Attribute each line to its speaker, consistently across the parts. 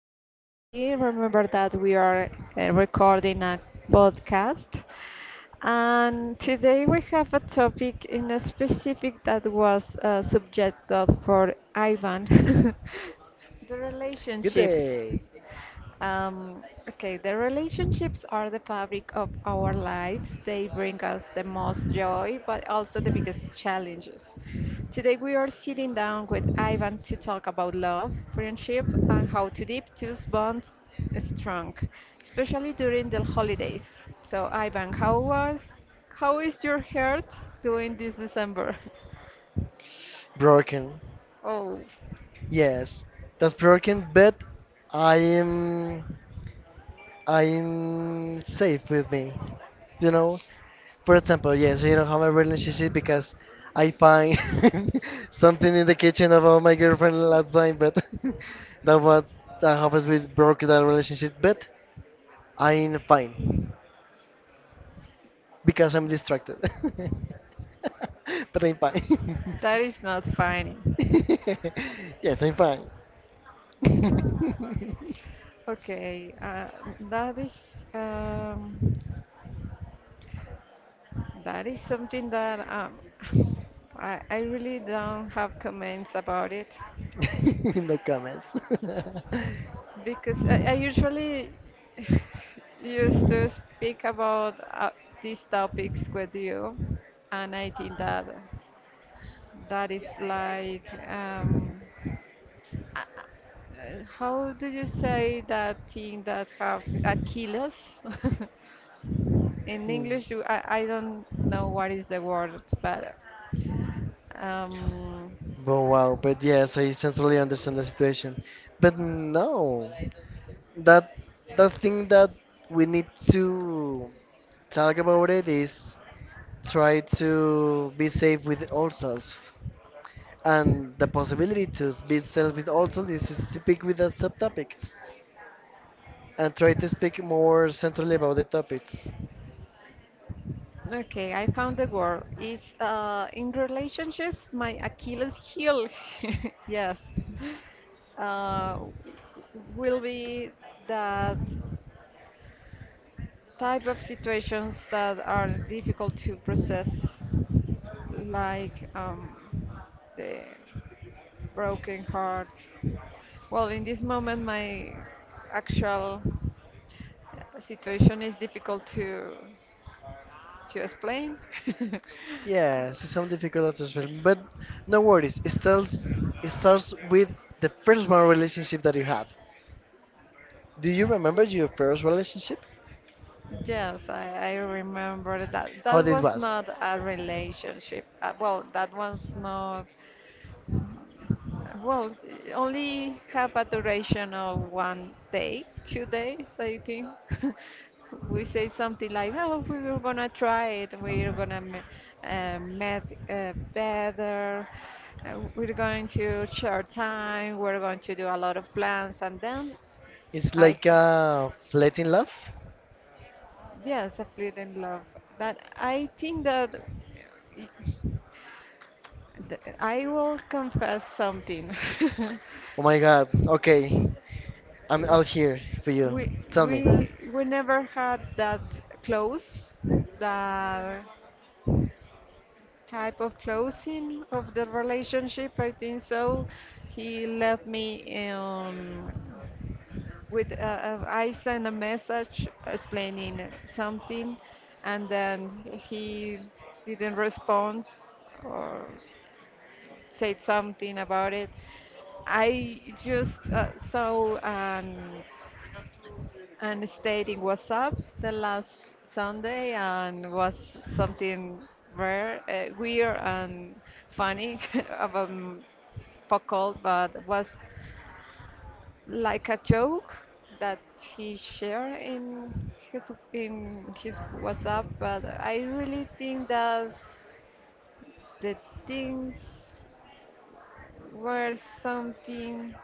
Speaker 1: name is Lady. Remember that we are recording a podcast. And today we have a topic in a specific that was subjected for Ivan, the
Speaker 2: Good
Speaker 1: relationships.
Speaker 2: day.
Speaker 1: Um, okay, the relationships are the fabric of our lives. They bring us the most joy, but also the biggest challenges. Today, we are sitting down with Ivan to talk about love, friendship, and how to keep those bonds strong, especially during the holidays. So, Ivan, how is your heart doing this December?
Speaker 2: Broken.
Speaker 1: Oh,
Speaker 2: Yes, that's broken, but I am I am safe with me. You know, for example, yes, I don't have a relationship because I find something in the kitchen of my girlfriend last time, but that was that happens with broken that relationship. But I'm fine because I'm distracted. But I'm fine.
Speaker 1: that is not funny.
Speaker 2: Yes, I'm fine.
Speaker 1: Okay, that is. That is something that I really don't have comments about it
Speaker 2: In the comments.
Speaker 1: because I usually used to speak about these topics with you, and I think that that is like uh, how do you say that thing that have Achilles? In
Speaker 2: Hmm.
Speaker 1: English, I don't know what is the word, but um,
Speaker 2: Oh wow, but yes, I certainly understand the situation. But no, that the thing that we need to talk about it is try to be safe with ourselves, and the possibility to be safe with ourselves is to speak with the subtopics and try to speak more centrally about the topics.
Speaker 1: okay, I found the word. It's in relationships, my Achilles heel. Yes. Uh, will be that type of situations that are difficult to process, like the broken hearts. Well, in this moment, my actual situation is difficult to explain.
Speaker 2: Yes, it's some difficult to explain, but no worries. It starts with the first one relationship that you have. Do you remember your first relationship?
Speaker 1: Yes, I remember that.
Speaker 2: How
Speaker 1: That
Speaker 2: it
Speaker 1: was
Speaker 2: was?
Speaker 1: not a relationship. Well, that one's not. Well, it only have a duration of 1 day, 2 days, I think. We say something like, "Oh, we're gonna try it. We're gonna m- met better. We're going to share time. We're going to do a lot of plans." And then
Speaker 2: It's
Speaker 1: I
Speaker 2: like a fleeting love.
Speaker 1: Yes, I played in love. But I think that y- I will confess something.
Speaker 2: Oh my God. Okay, I'm out here for you.
Speaker 1: we
Speaker 2: Tell me,
Speaker 1: we never had that close, that type of closing of the relationship. I think so. He left me with I sent a message explaining something, and then he didn't respond. Or said something about it. I just saw an and stayed in WhatsApp the last Sunday and was something rare, weird and funny about Pacol, but was like a joke that he shared in his WhatsApp. But I really think that the things were something.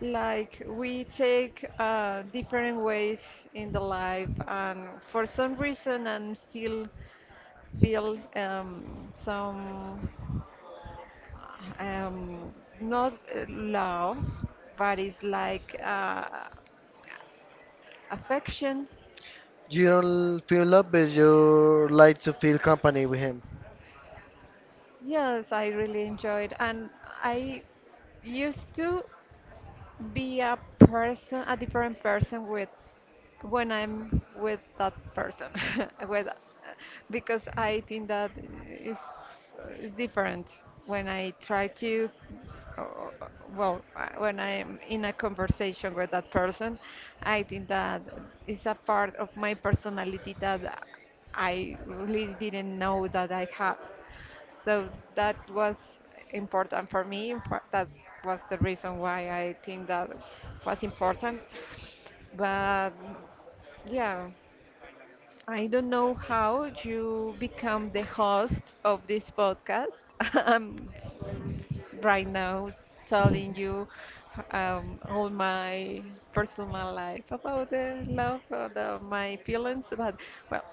Speaker 1: Like we take different ways in the life, and for some reason, I'm still feel some um, not love, but it's like affection.
Speaker 2: you don't feel love, but you like to feel company with him.
Speaker 1: Yes, I really enjoyed, and I used to be a person, a different person with when I'm with that person, with because I think that is is different when I try to. uh, Well, when I'm in a conversation with that person, I think that is a part of my personality that I really didn't know that I have. So that was important for me. In fact, that was the reason why I think that was important. But yeah, I don't know how you become the host of this podcast. I'm right now telling you all my personal life about the love, about my feelings. But well,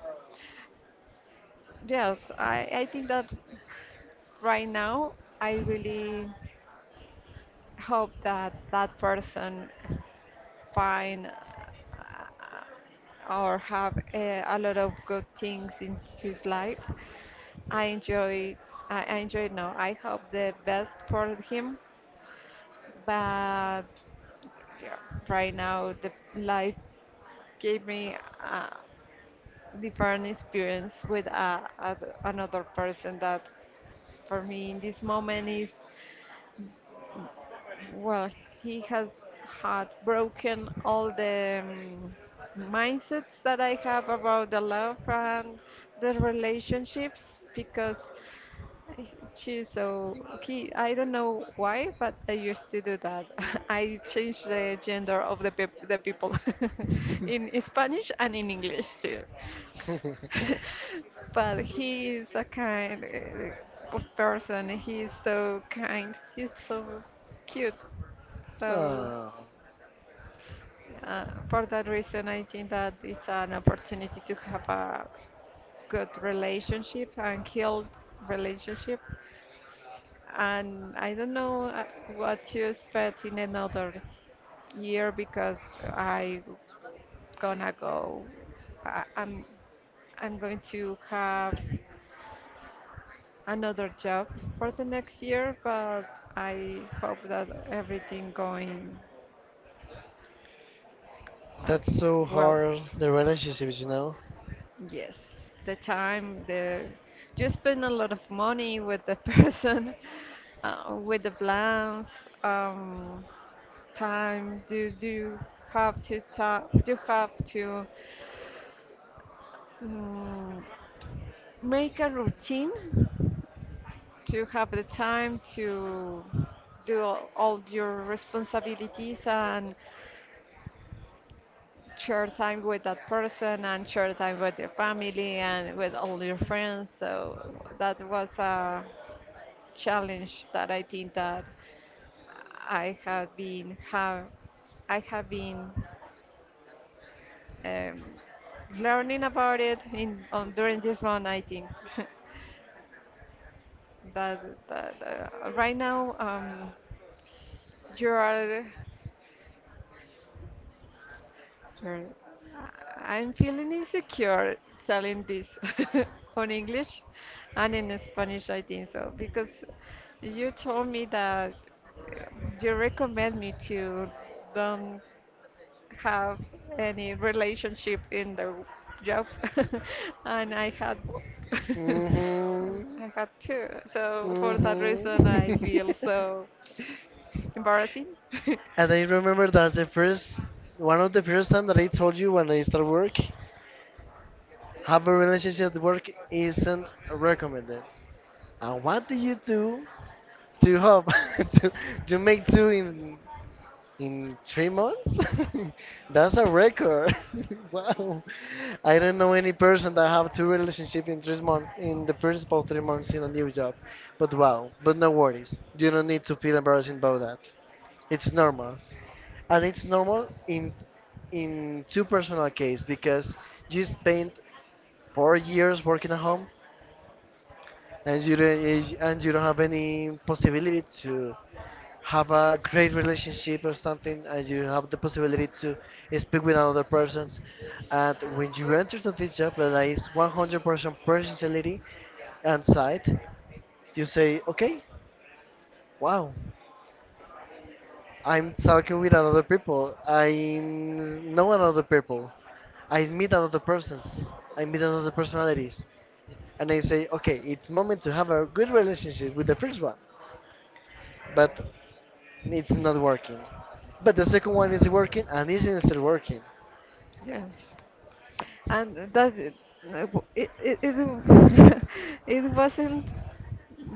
Speaker 1: yes, I think that right now, I really hope that that person find or have a lot of good things in his life. I enjoy, I enjoy No, I hope the best for him, but yeah, right now the life gave me a different experience with another person that for me in this moment is well, he has had broken all the mindsets that I have about the love and the relationships because I- she's so okay. I don't know why, but I used to do that. I changed the gender of the peop the people in Spanish and in English too. But he is a kind of person. He is so kind. He's so cute. So
Speaker 2: Oh,
Speaker 1: for that reason, I think that it's an opportunity to have a good relationship and healed relationship and I don't know what to expect in another year because I gonna go. I, I'm going to have another job for the next year, but I hope that everything going uh,
Speaker 2: that's so
Speaker 1: well.
Speaker 2: hard. The relationships, you know.
Speaker 1: Yes, the you spend a lot of money with the person, with the plans. Um, Time do you have to talk, you have to mm, make a routine to have the time to do all your responsibilities and share time with that person and share time with your family and with all your friends. So that was a challenge that I think that I have been have I have been Um, learning about it in on, during this one, I think that, that right now you are, you're, I'm feeling insecure telling this on English and in Spanish, I think so, because you told me that uh, you recommend me to don't have any relationship in the job, and I had both. And
Speaker 2: Mhm.
Speaker 1: I had two. So for that
Speaker 2: Mhm.
Speaker 1: reason, I feel so embarrassing.
Speaker 2: And I remember that's the first one of the first time that I told you when I start work, have a relationship at work isn't recommended. And what do you do to help to, to make two in 3 months? That's a record. Wow. I don't know any person that have two relationship in 3 months in the first about 3 months in a new job. But wow, but no worries. You don't need to feel embarrassed about that. It's normal. And it's normal in two personal case because you spent 4 years working at home and you don't have any possibility to have a great relationship or something, and you have the possibility to speak with another persons, and when you enter to this job that is 100% personality and side, you say okay, wow, I'm talking with another people. I know another people. I meet another persons. I meet another personalities. And I say, okay, it's moment to have a good relationship with the first one, but it's not working. But the second one is working and isn't still working.
Speaker 1: Yes. and that it, it, it wasn't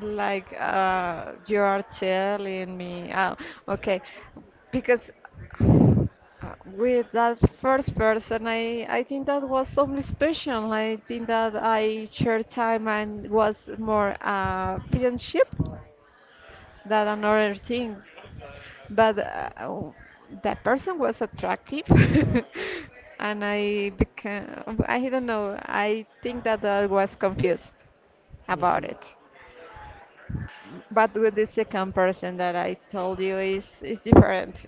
Speaker 1: like you are telling me oh okay because uh, with that first person I think that was something special. I think that I shared time and was more friendship that another thing. But that person was attractive, and I became, I don't know, I think that I was confused about
Speaker 2: Hmm.
Speaker 1: it. But with the second person that I told you is different.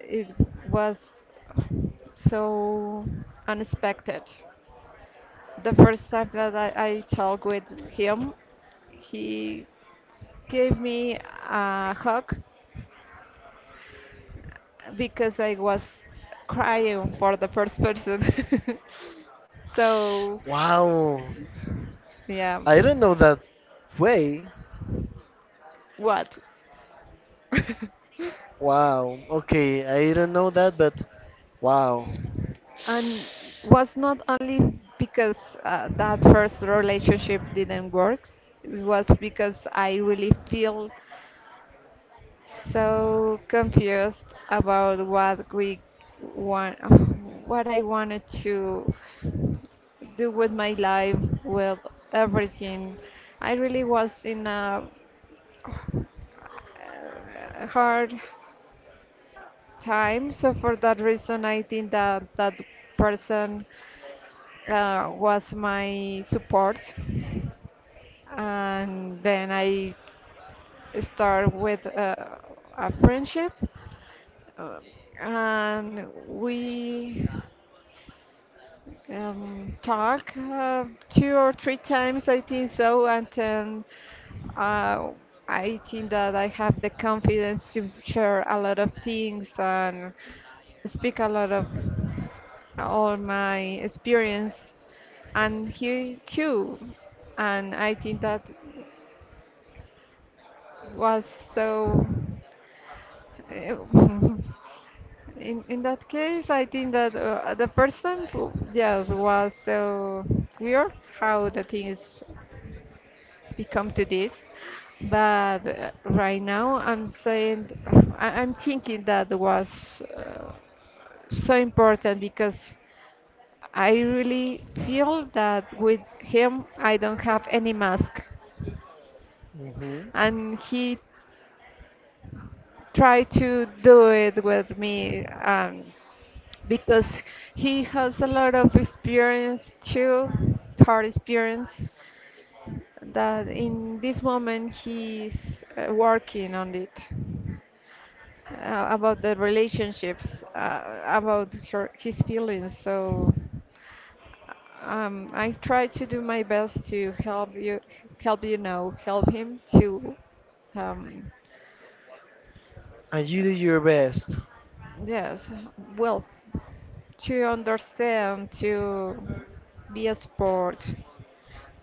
Speaker 1: It was so unexpected. The first time that I talked with him, he gave me a hug because I was crying for the first person. So,
Speaker 2: Wow.
Speaker 1: yeah.
Speaker 2: I don't know that way.
Speaker 1: What?
Speaker 2: Wow. Okay, I don't know that, but wow.
Speaker 1: And was not only because that first relationship didn't work, it was because I really feel so confused about want, what I wanted to do with my life, with everything. I really was in a uh, hard time. So for that reason, I think that that person was my support. And then I start with a friendship. Uh, and we talk two or three times, I think so, and uh, I think that I have the confidence to share a lot of things and speak a lot of all my experience, and he too, and I think that was so. In that case, I think that the first time, yes, was so weird how the things become to this. But right now, I'm saying I'm thinking that was so important because I really feel that with him, I don't have any mask,
Speaker 2: Hmm.
Speaker 1: and he try to do it with me because he has a lot of experience too, hard experience, that in this moment he's working on it. About the relationships, his feelings. So I try to do my best to help you, help him to um,
Speaker 2: And you do your best.
Speaker 1: yes, well, to understand, to be a support,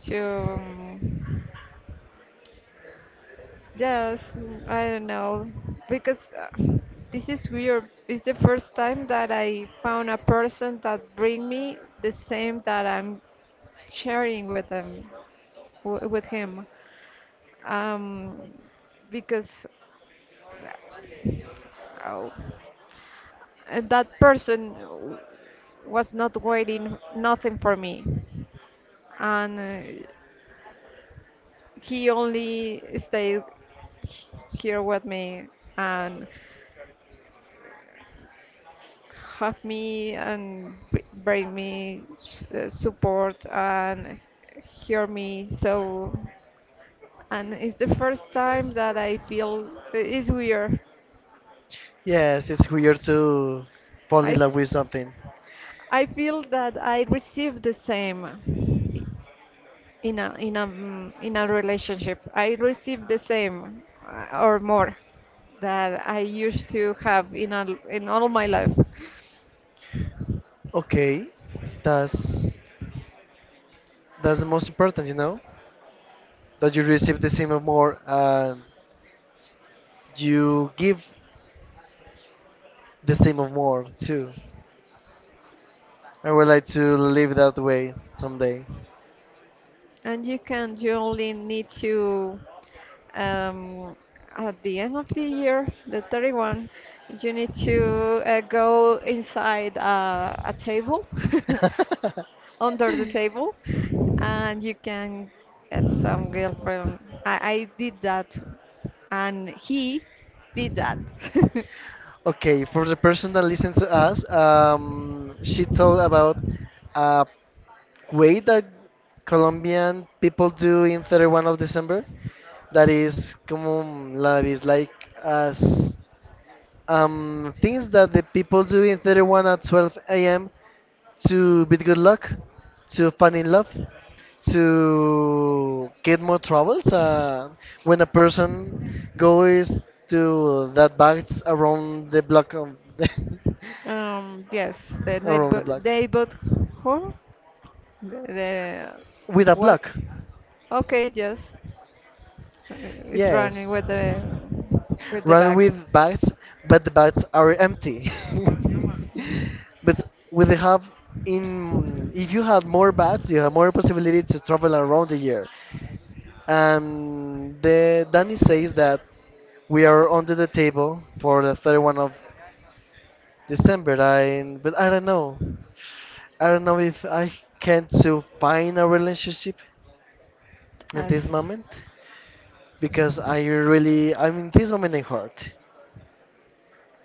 Speaker 1: to yes, I don't know, because this is weird. It's the first time that I found a person that bring me the same that I'm sharing with them, w with him. Um, because uh, Oh. That person was not waiting nothing for me. And he only stayed here with me and hug me and bring me support and hear me. So, and it's the first time that I feel it's weird.
Speaker 2: Yes, it's weird to fall
Speaker 1: I
Speaker 2: in love with something.
Speaker 1: I feel that I receive the same in a in a relationship. I receive the same or more that I used to have in all my life.
Speaker 2: Okay, that's that's the most important, you know. That you receive the same or more and you give the same or more too. I would like to live that way someday.
Speaker 1: And you can you only need to um, at the end of the year, the 31st, you need to go inside a table under the table and you can get some girlfriend. I did that and he did that.
Speaker 2: Okay, for the person that listens to us, she told about a way that Colombian people do in 31st of December. That is, como, that is like as things that the people do in 31st at 12 a.m. to bid good luck, to fall in love, to get more troubles. When a person goes to that backs around the block of the
Speaker 1: Um, yes,
Speaker 2: around the block
Speaker 1: neighbor, huh? The
Speaker 2: with a
Speaker 1: what?
Speaker 2: block.
Speaker 1: Okay, yes, it's running
Speaker 2: Yes,
Speaker 1: with the
Speaker 2: run
Speaker 1: back.
Speaker 2: with bags, but the bags are empty. But with the hub in, if you have more bags, you have more possibility to travel around the year. And the Danny says that we are under the table for the 31st of December. I but I don't know. I don't know if I can to find a relationship in this
Speaker 1: Yes,
Speaker 2: moment because I really, I'm in this moment I'm hurt.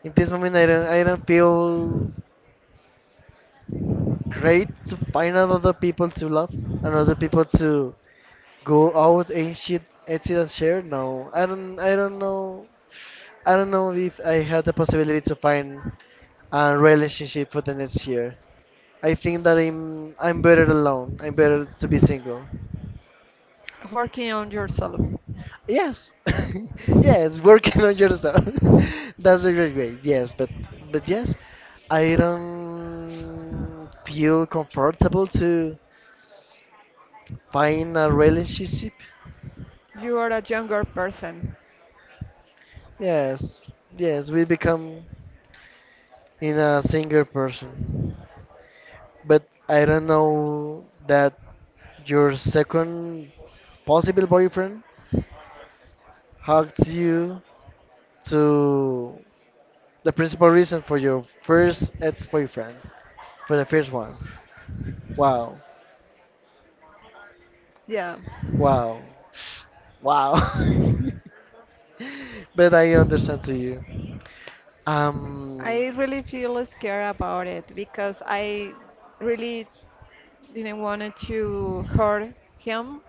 Speaker 2: In this moment I don't feel great to find another people to love, another people to go out and shit and sit and share. No, I don't know. I don't know if I had the possibility to find a relationship for the next year. I think that I'm better alone. I'm better to be single.
Speaker 1: working on yourself.
Speaker 2: Yes, yes, working on yourself. That's a great way. Yes, but yes, I don't feel comfortable to find a relationship.
Speaker 1: You are a younger person.
Speaker 2: Yes, yes, we become in a single person. But I don't know that your second possible boyfriend hugs you to the principal reason for your first ex boyfriend. For the first one. Wow.
Speaker 1: Yeah.
Speaker 2: Wow. Wow. But I understand to you. Um,
Speaker 1: I really feel scared about it because I really didn't want to hurt him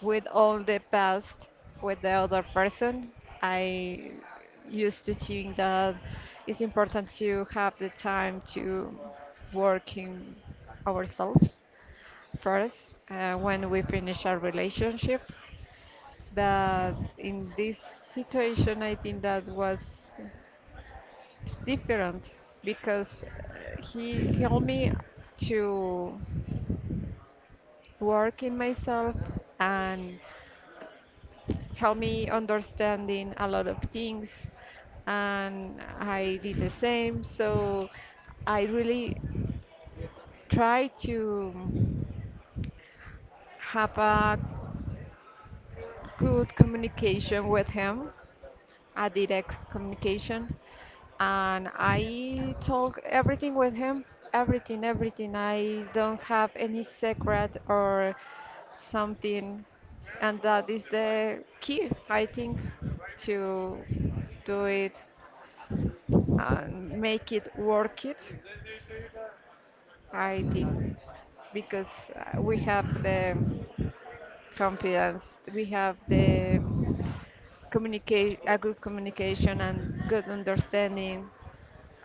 Speaker 1: with all the past with the other person. I used to think that it's important to have the time to work in ourselves first when we finish our relationship. But in this situation, I think that was different because he helped me to work in myself and helped me understanding a lot of things and I did the same. So I really try to have a good communication with him, a direct communication, and I talk everything with him, everything, everything. I don't have any secret or something, and that is the key, I think, to do it and make it work it. I think because we have the confidence, we have the communicate a good communication and good understanding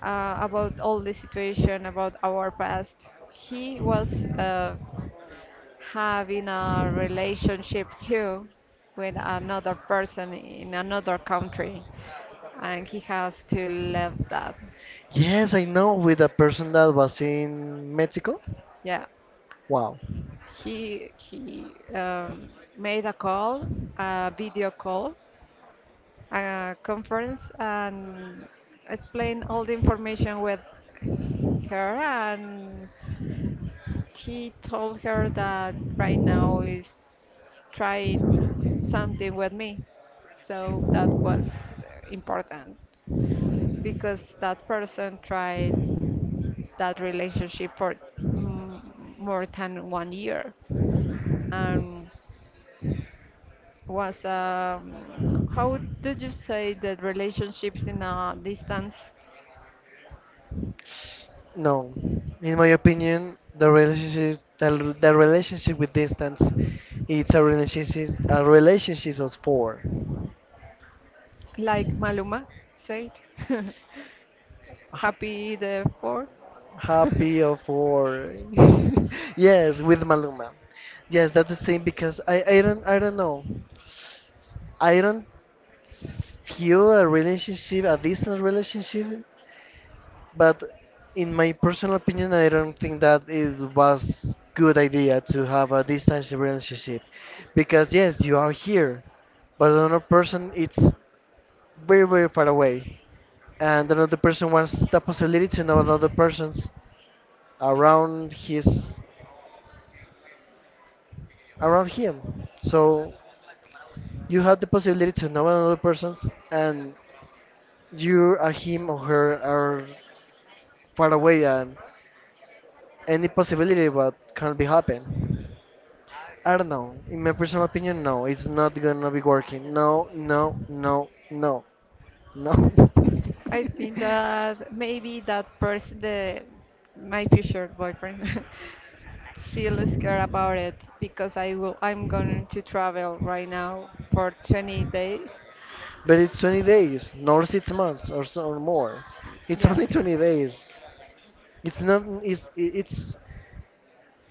Speaker 1: about all the situation, about our past. He was having a relationship too with another person in another country, and he has to leave that.
Speaker 2: yes, I know with a person that was in Mexico.
Speaker 1: Yeah,
Speaker 2: Wow.
Speaker 1: he um, made a call, a video call, a conference, and explained all the information with her. And he told her that right now is trying something with me. So that was important because that person tried that relationship for mm, more than 1 year and was how do you say that relationships in a distance,
Speaker 2: No, in my opinion, the relationship, the relationship with distance, it's a relationship of four.
Speaker 1: like Maluma said. Happy therefore.
Speaker 2: Happy of War. Yes, with Maluma. Yes, that's the same because I don't know. I don't feel a relationship, a distant relationship, but in my personal opinion, I don't think that it was good idea to have a distance relationship because yes, you are here, but another person it's very very far away, and another person wants the possibility to know another person's around his around him. So you have the possibility to know another person's, and you or him or her are far away, and any possibility what can be happen. I don't know. In my personal opinion, no, it's not gonna be working. No, no, no, no, no.
Speaker 1: I think that maybe that person, the my future boyfriend, feel scared about it because I'm going to travel right now for 20 days.
Speaker 2: But it's 20 days, nor 6 months or so or more. It's
Speaker 1: Yeah.
Speaker 2: only 20 days. It's not. It's it's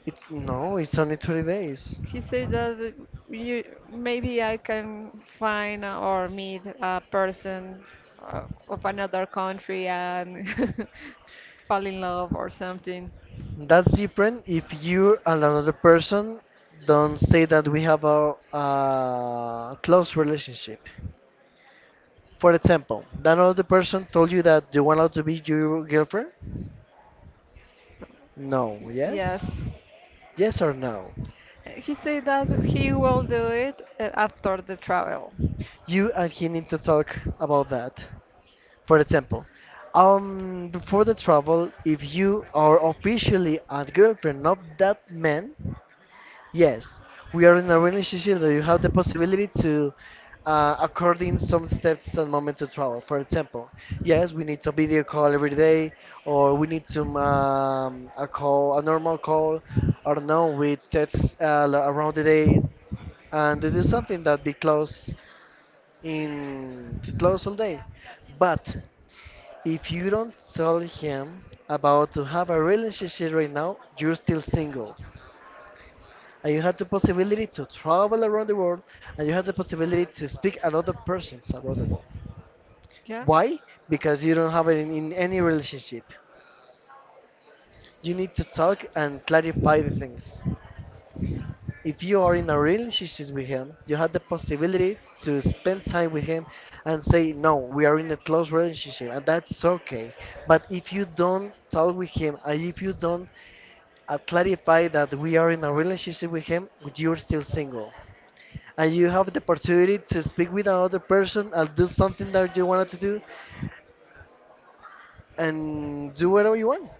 Speaker 2: it's no. It's only 20 days.
Speaker 1: He said that you maybe I can find or meet a person of another country and fall in love or something.
Speaker 2: That's different if you and another person don't say that we have a close relationship. For example, that other person told you that you want out to be your girlfriend? No, yes?
Speaker 1: Yes.
Speaker 2: Yes or no?
Speaker 1: He said that he will do it after the travel.
Speaker 2: You and he need to talk about that. For example, before the travel, if you are officially a girlfriend of that man, yes, we are in a relationship that you have the possibility to according some steps and moment to travel. For example, yes, we need to video call every day, or we need to a call, a normal call. I don't know, we text lo- around the day, and it is something that be close in to close all day. But if you don't tell him about to have a relationship right now, you're still single and you have the possibility to travel around the world and you have the possibility to speak another person's around the world.
Speaker 1: Yeah.
Speaker 2: Why? Because you don't have it in any relationship. You need to talk and clarify the things. If you are in a relationship with him, you have the possibility to spend time with him and say, no, we are in a close relationship, and that's okay. But if you don't talk with him, and if you don't clarify that we are in a relationship with him, you're still single, and you have the opportunity to speak with another person and do something that you wanted to do and do whatever you want.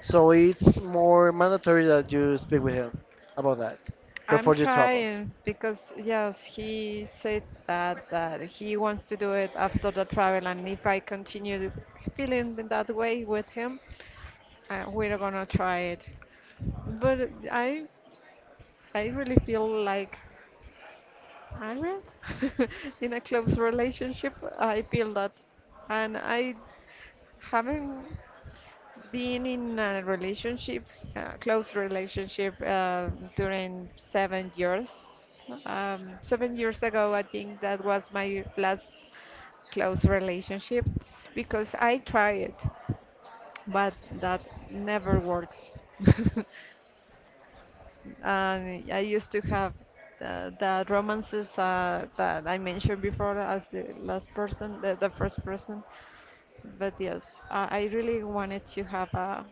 Speaker 2: So it's more mandatory that you speak with him about that
Speaker 1: I'm
Speaker 2: before you travel.
Speaker 1: trying because yes, he said that he wants to do it after the travel, and if I continue feeling that way with him, we're gonna try it. But I really feel like married in a close relationship. I feel that, and I haven't been in a relationship, close relationship, during 7 years. 7 years ago, I think that was my last close relationship because I tried, but that never works. And I used to have the romances that I mentioned before as the last person, the first person. But yes, I really wanted to have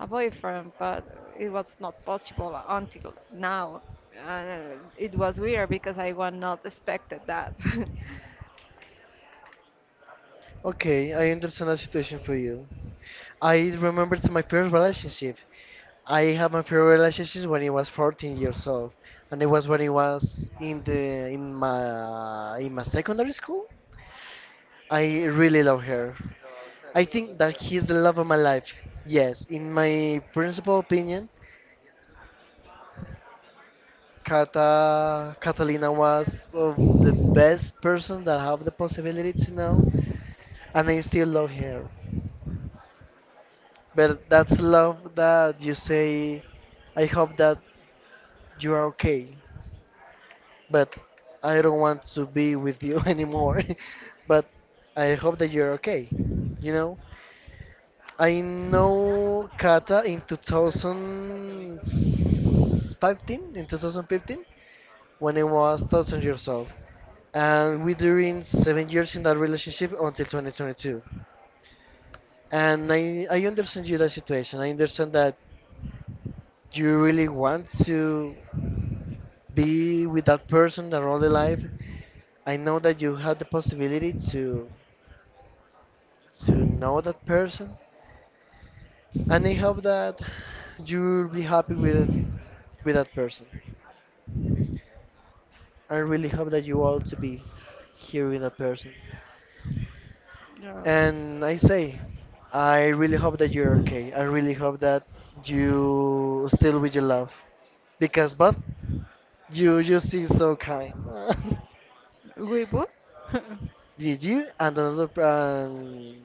Speaker 1: a boyfriend, but it was not possible until now. It was weird because I was not expected that.
Speaker 2: Okay, I understand the situation for you. I remember to my first relationship. I had my first relationship when I was 14 years old, and it was when I was in the in my secondary school. I really love her. I think that he is the love of my life. Yes, in my principal opinion, Kata Catalina was of the best person that I have the possibility to know, and I still love her. But that's love that you say, I hope that you are okay, but I don't want to be with you anymore. But I hope that you're okay, you know? I know Kata in 2015, in 2015, when I was 1,000 years old. And we during 7 years in that relationship until 2022. And I understand you that situation. I understand that you really want to be with that person and all the life. I know that you had the possibility to know that person. And I hope that you'll be happy with it, with that person. I really hope that you all to be here with a person. And I say, I really hope that you're okay. I really hope that you still with your love. Because, but you seem so kind.
Speaker 1: Weibo?
Speaker 2: Did you and another p-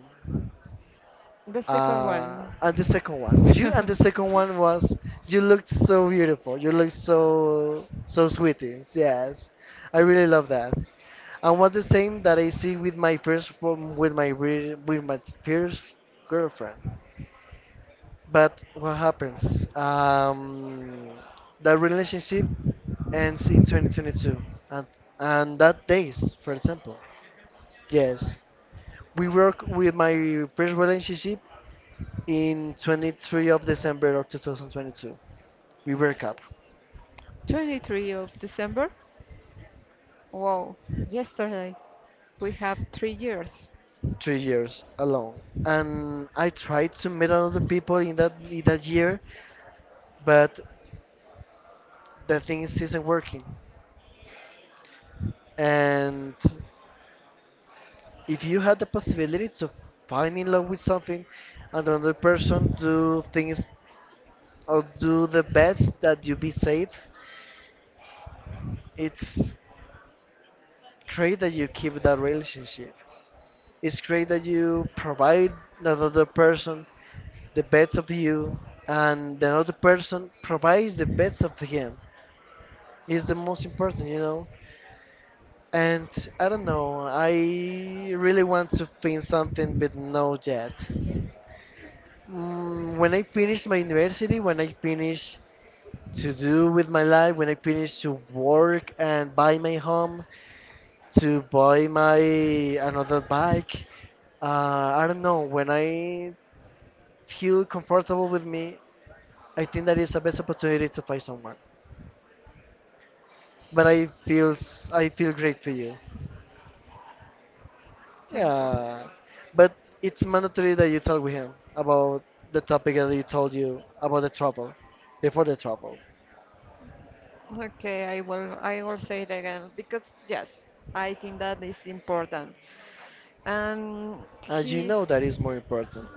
Speaker 1: The second one.
Speaker 2: and the second one. You and the second one was you looked so beautiful. You looked so so sweetie. Yes, I really love that. And was the same that I see with my first prom- with my re- with my first girlfriend. But what happens? That relationship ends in 2022, and and that days, for example. Yes, we work with my first relationship in 23rd of December of 2022. We broke up
Speaker 1: 23 of December? Wow, yesterday. We have 3 years.
Speaker 2: 3 years alone, and I tried to meet other people in that year, but the thing isn't working. And if you had the possibility to find in love with something and another person do things or do the best that you be safe, it's great that you keep that relationship. It's great that you provide another person the best of you, and the other person provides the best of him. It's the most important, you know? And I don't know, I really want to find something but no yet. When I finish my university, when I finish to do with my life, when I finish to work and buy my home, to buy my another bike, I don't know. When I feel comfortable with me, I think that is the best opportunity to find someone. But I feel great for you.
Speaker 1: Thank you.
Speaker 2: Yeah, but it's mandatory that you talk with him about the topic that you told you about the trouble before the trouble,
Speaker 1: Okay, I will say it again because yes, I think that is important. And
Speaker 2: as you
Speaker 1: he.
Speaker 2: know that is more important.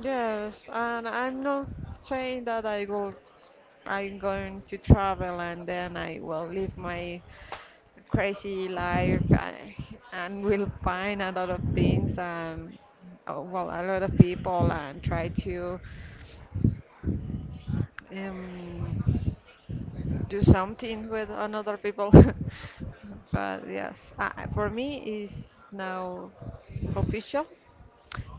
Speaker 1: Yes, and I'm not saying that I'm going to travel and then I will live my crazy life and will find a lot of things and well a lot of people and try to um, do something with another people. But yes, for me is now official.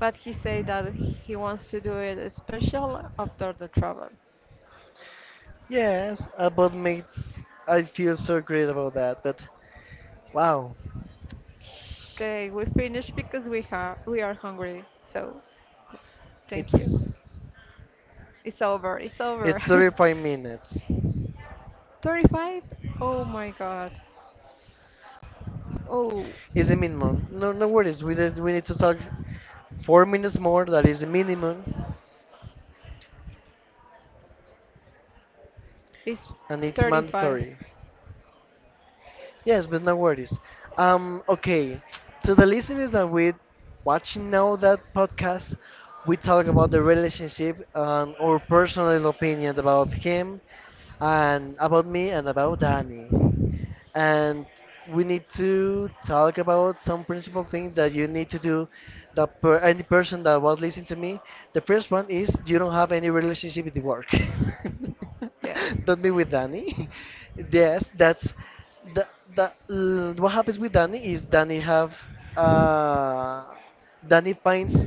Speaker 1: But he said that he wants to do it special after the travel.
Speaker 2: Yes, but makes I feel so great about that. But wow,
Speaker 1: Okay, we finished because we are hungry. So thank you.
Speaker 2: it's
Speaker 1: It's over. It's
Speaker 2: it's
Speaker 1: over.
Speaker 2: 35 minutes.
Speaker 1: 35? Oh my God. Oh,
Speaker 2: It's the minimum. No, no worries. We need to talk 4 minutes more. That is the minimum,
Speaker 1: it's
Speaker 2: and it's
Speaker 1: 35.
Speaker 2: mandatory. Yes, but no worries. Okay. To the listeners that we watching now that podcast, we talk about the relationship and our personal opinion about him and about me and about Danny. And we need to talk about some principal things that you need to do, that per any person that was listening to me. The first one is, you don't have any relationship with work.
Speaker 1: Yeah.
Speaker 2: Don't be with Danny. Yes, that's the, the what happens with Danny is Danny has uh Danny finds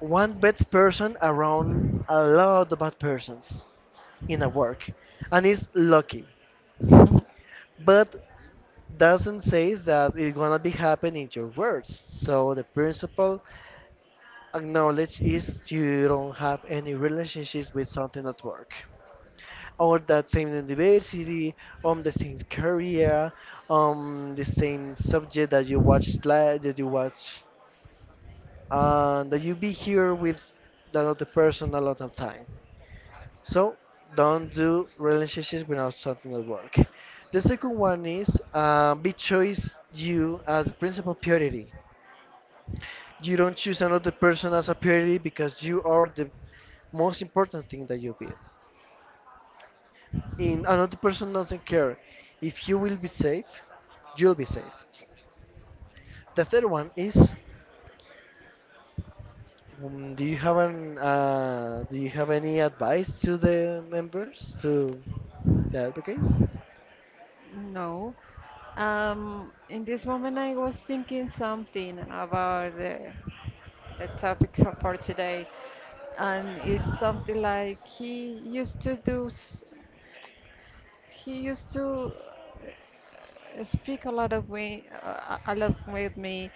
Speaker 2: one bad person around, a lot of bad persons in a work, and is lucky, but doesn't say that it's gonna be happening in your words. So the principle acknowledge is, you don't have any relationships with something at work. Or that same university, on the same career, on the same subject that that you watch, and that you be here with another person a lot of time. So don't do relationships without something at work. The second one is, be choice you as the principal priority. You don't choose another person as a priority because you are the most important thing that you be. In another person doesn't care. If you will be safe, you'll be safe. The third one is, do you have an do you have any advice to the members, to the advocates?
Speaker 1: No. In this moment, I was thinking something about the topic so for today, and it's something like he used to speak a lot of way, a lot with me,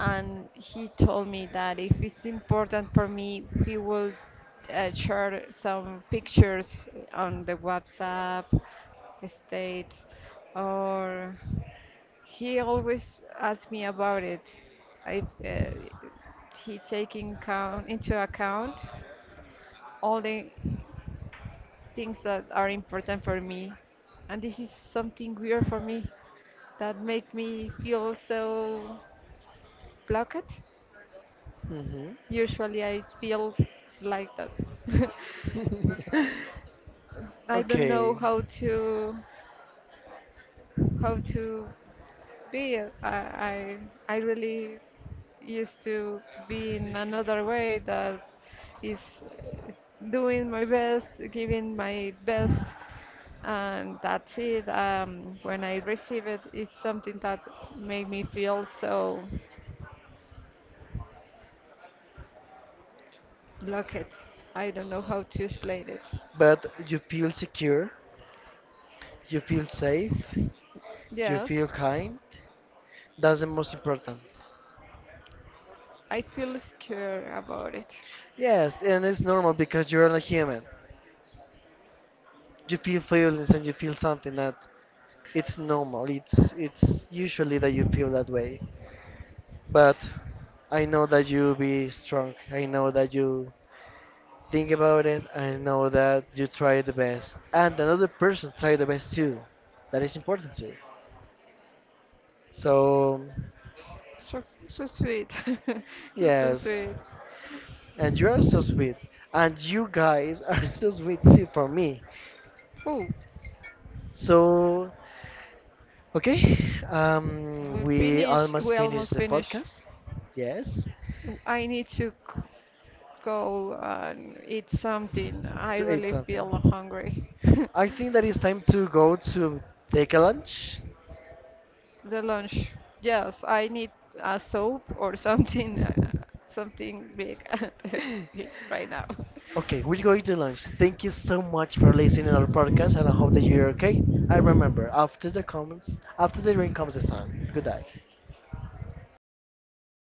Speaker 1: and he told me that if it's important for me, he will share some pictures on the WhatsApp states, or he always asked me about it. If he taking count into account all the things that are important for me, and this is something weird for me that make me feel so blocked.
Speaker 2: Hmm.
Speaker 1: Usually I feel like that. I don't know
Speaker 2: Okay,
Speaker 1: how to be I really used to be in another way that is uh, doing my best, giving my best, and that's it. When I receive it, it's something that made me feel so lucky. I don't know how to explain it.
Speaker 2: but you feel secure, you feel safe, you feel
Speaker 1: Yes,
Speaker 2: kind. That's the most important.
Speaker 1: I feel scared about it.
Speaker 2: Yes, and it's normal because you're a human. You feel feelings and you feel something that it's normal. It's usually that you feel that way. But I know that you be strong. I know that you think about it. I know that you try the best, and another person try the best too. That is important too. So
Speaker 1: So so sweet. He's so
Speaker 2: yes,
Speaker 1: sweet.
Speaker 2: and you are so sweet. And you guys are so sweet too for me.
Speaker 1: Oh,
Speaker 2: So, okay,
Speaker 1: we
Speaker 2: we
Speaker 1: finish.
Speaker 2: almost
Speaker 1: We
Speaker 2: finished
Speaker 1: almost
Speaker 2: the
Speaker 1: finish.
Speaker 2: podcast. Yes,
Speaker 1: I need to go and eat something. I
Speaker 2: to eat
Speaker 1: really feel
Speaker 2: something.
Speaker 1: hungry.
Speaker 2: I think that it's time to go to take a lunch.
Speaker 1: The lunch. Yes, I need a soap or something, something big right now.
Speaker 2: Okay, we're going to lunch. Thank you so much for listening to our podcast, and I hope that you're okay. I remember, after the comments, after the rain comes the sun. Good night.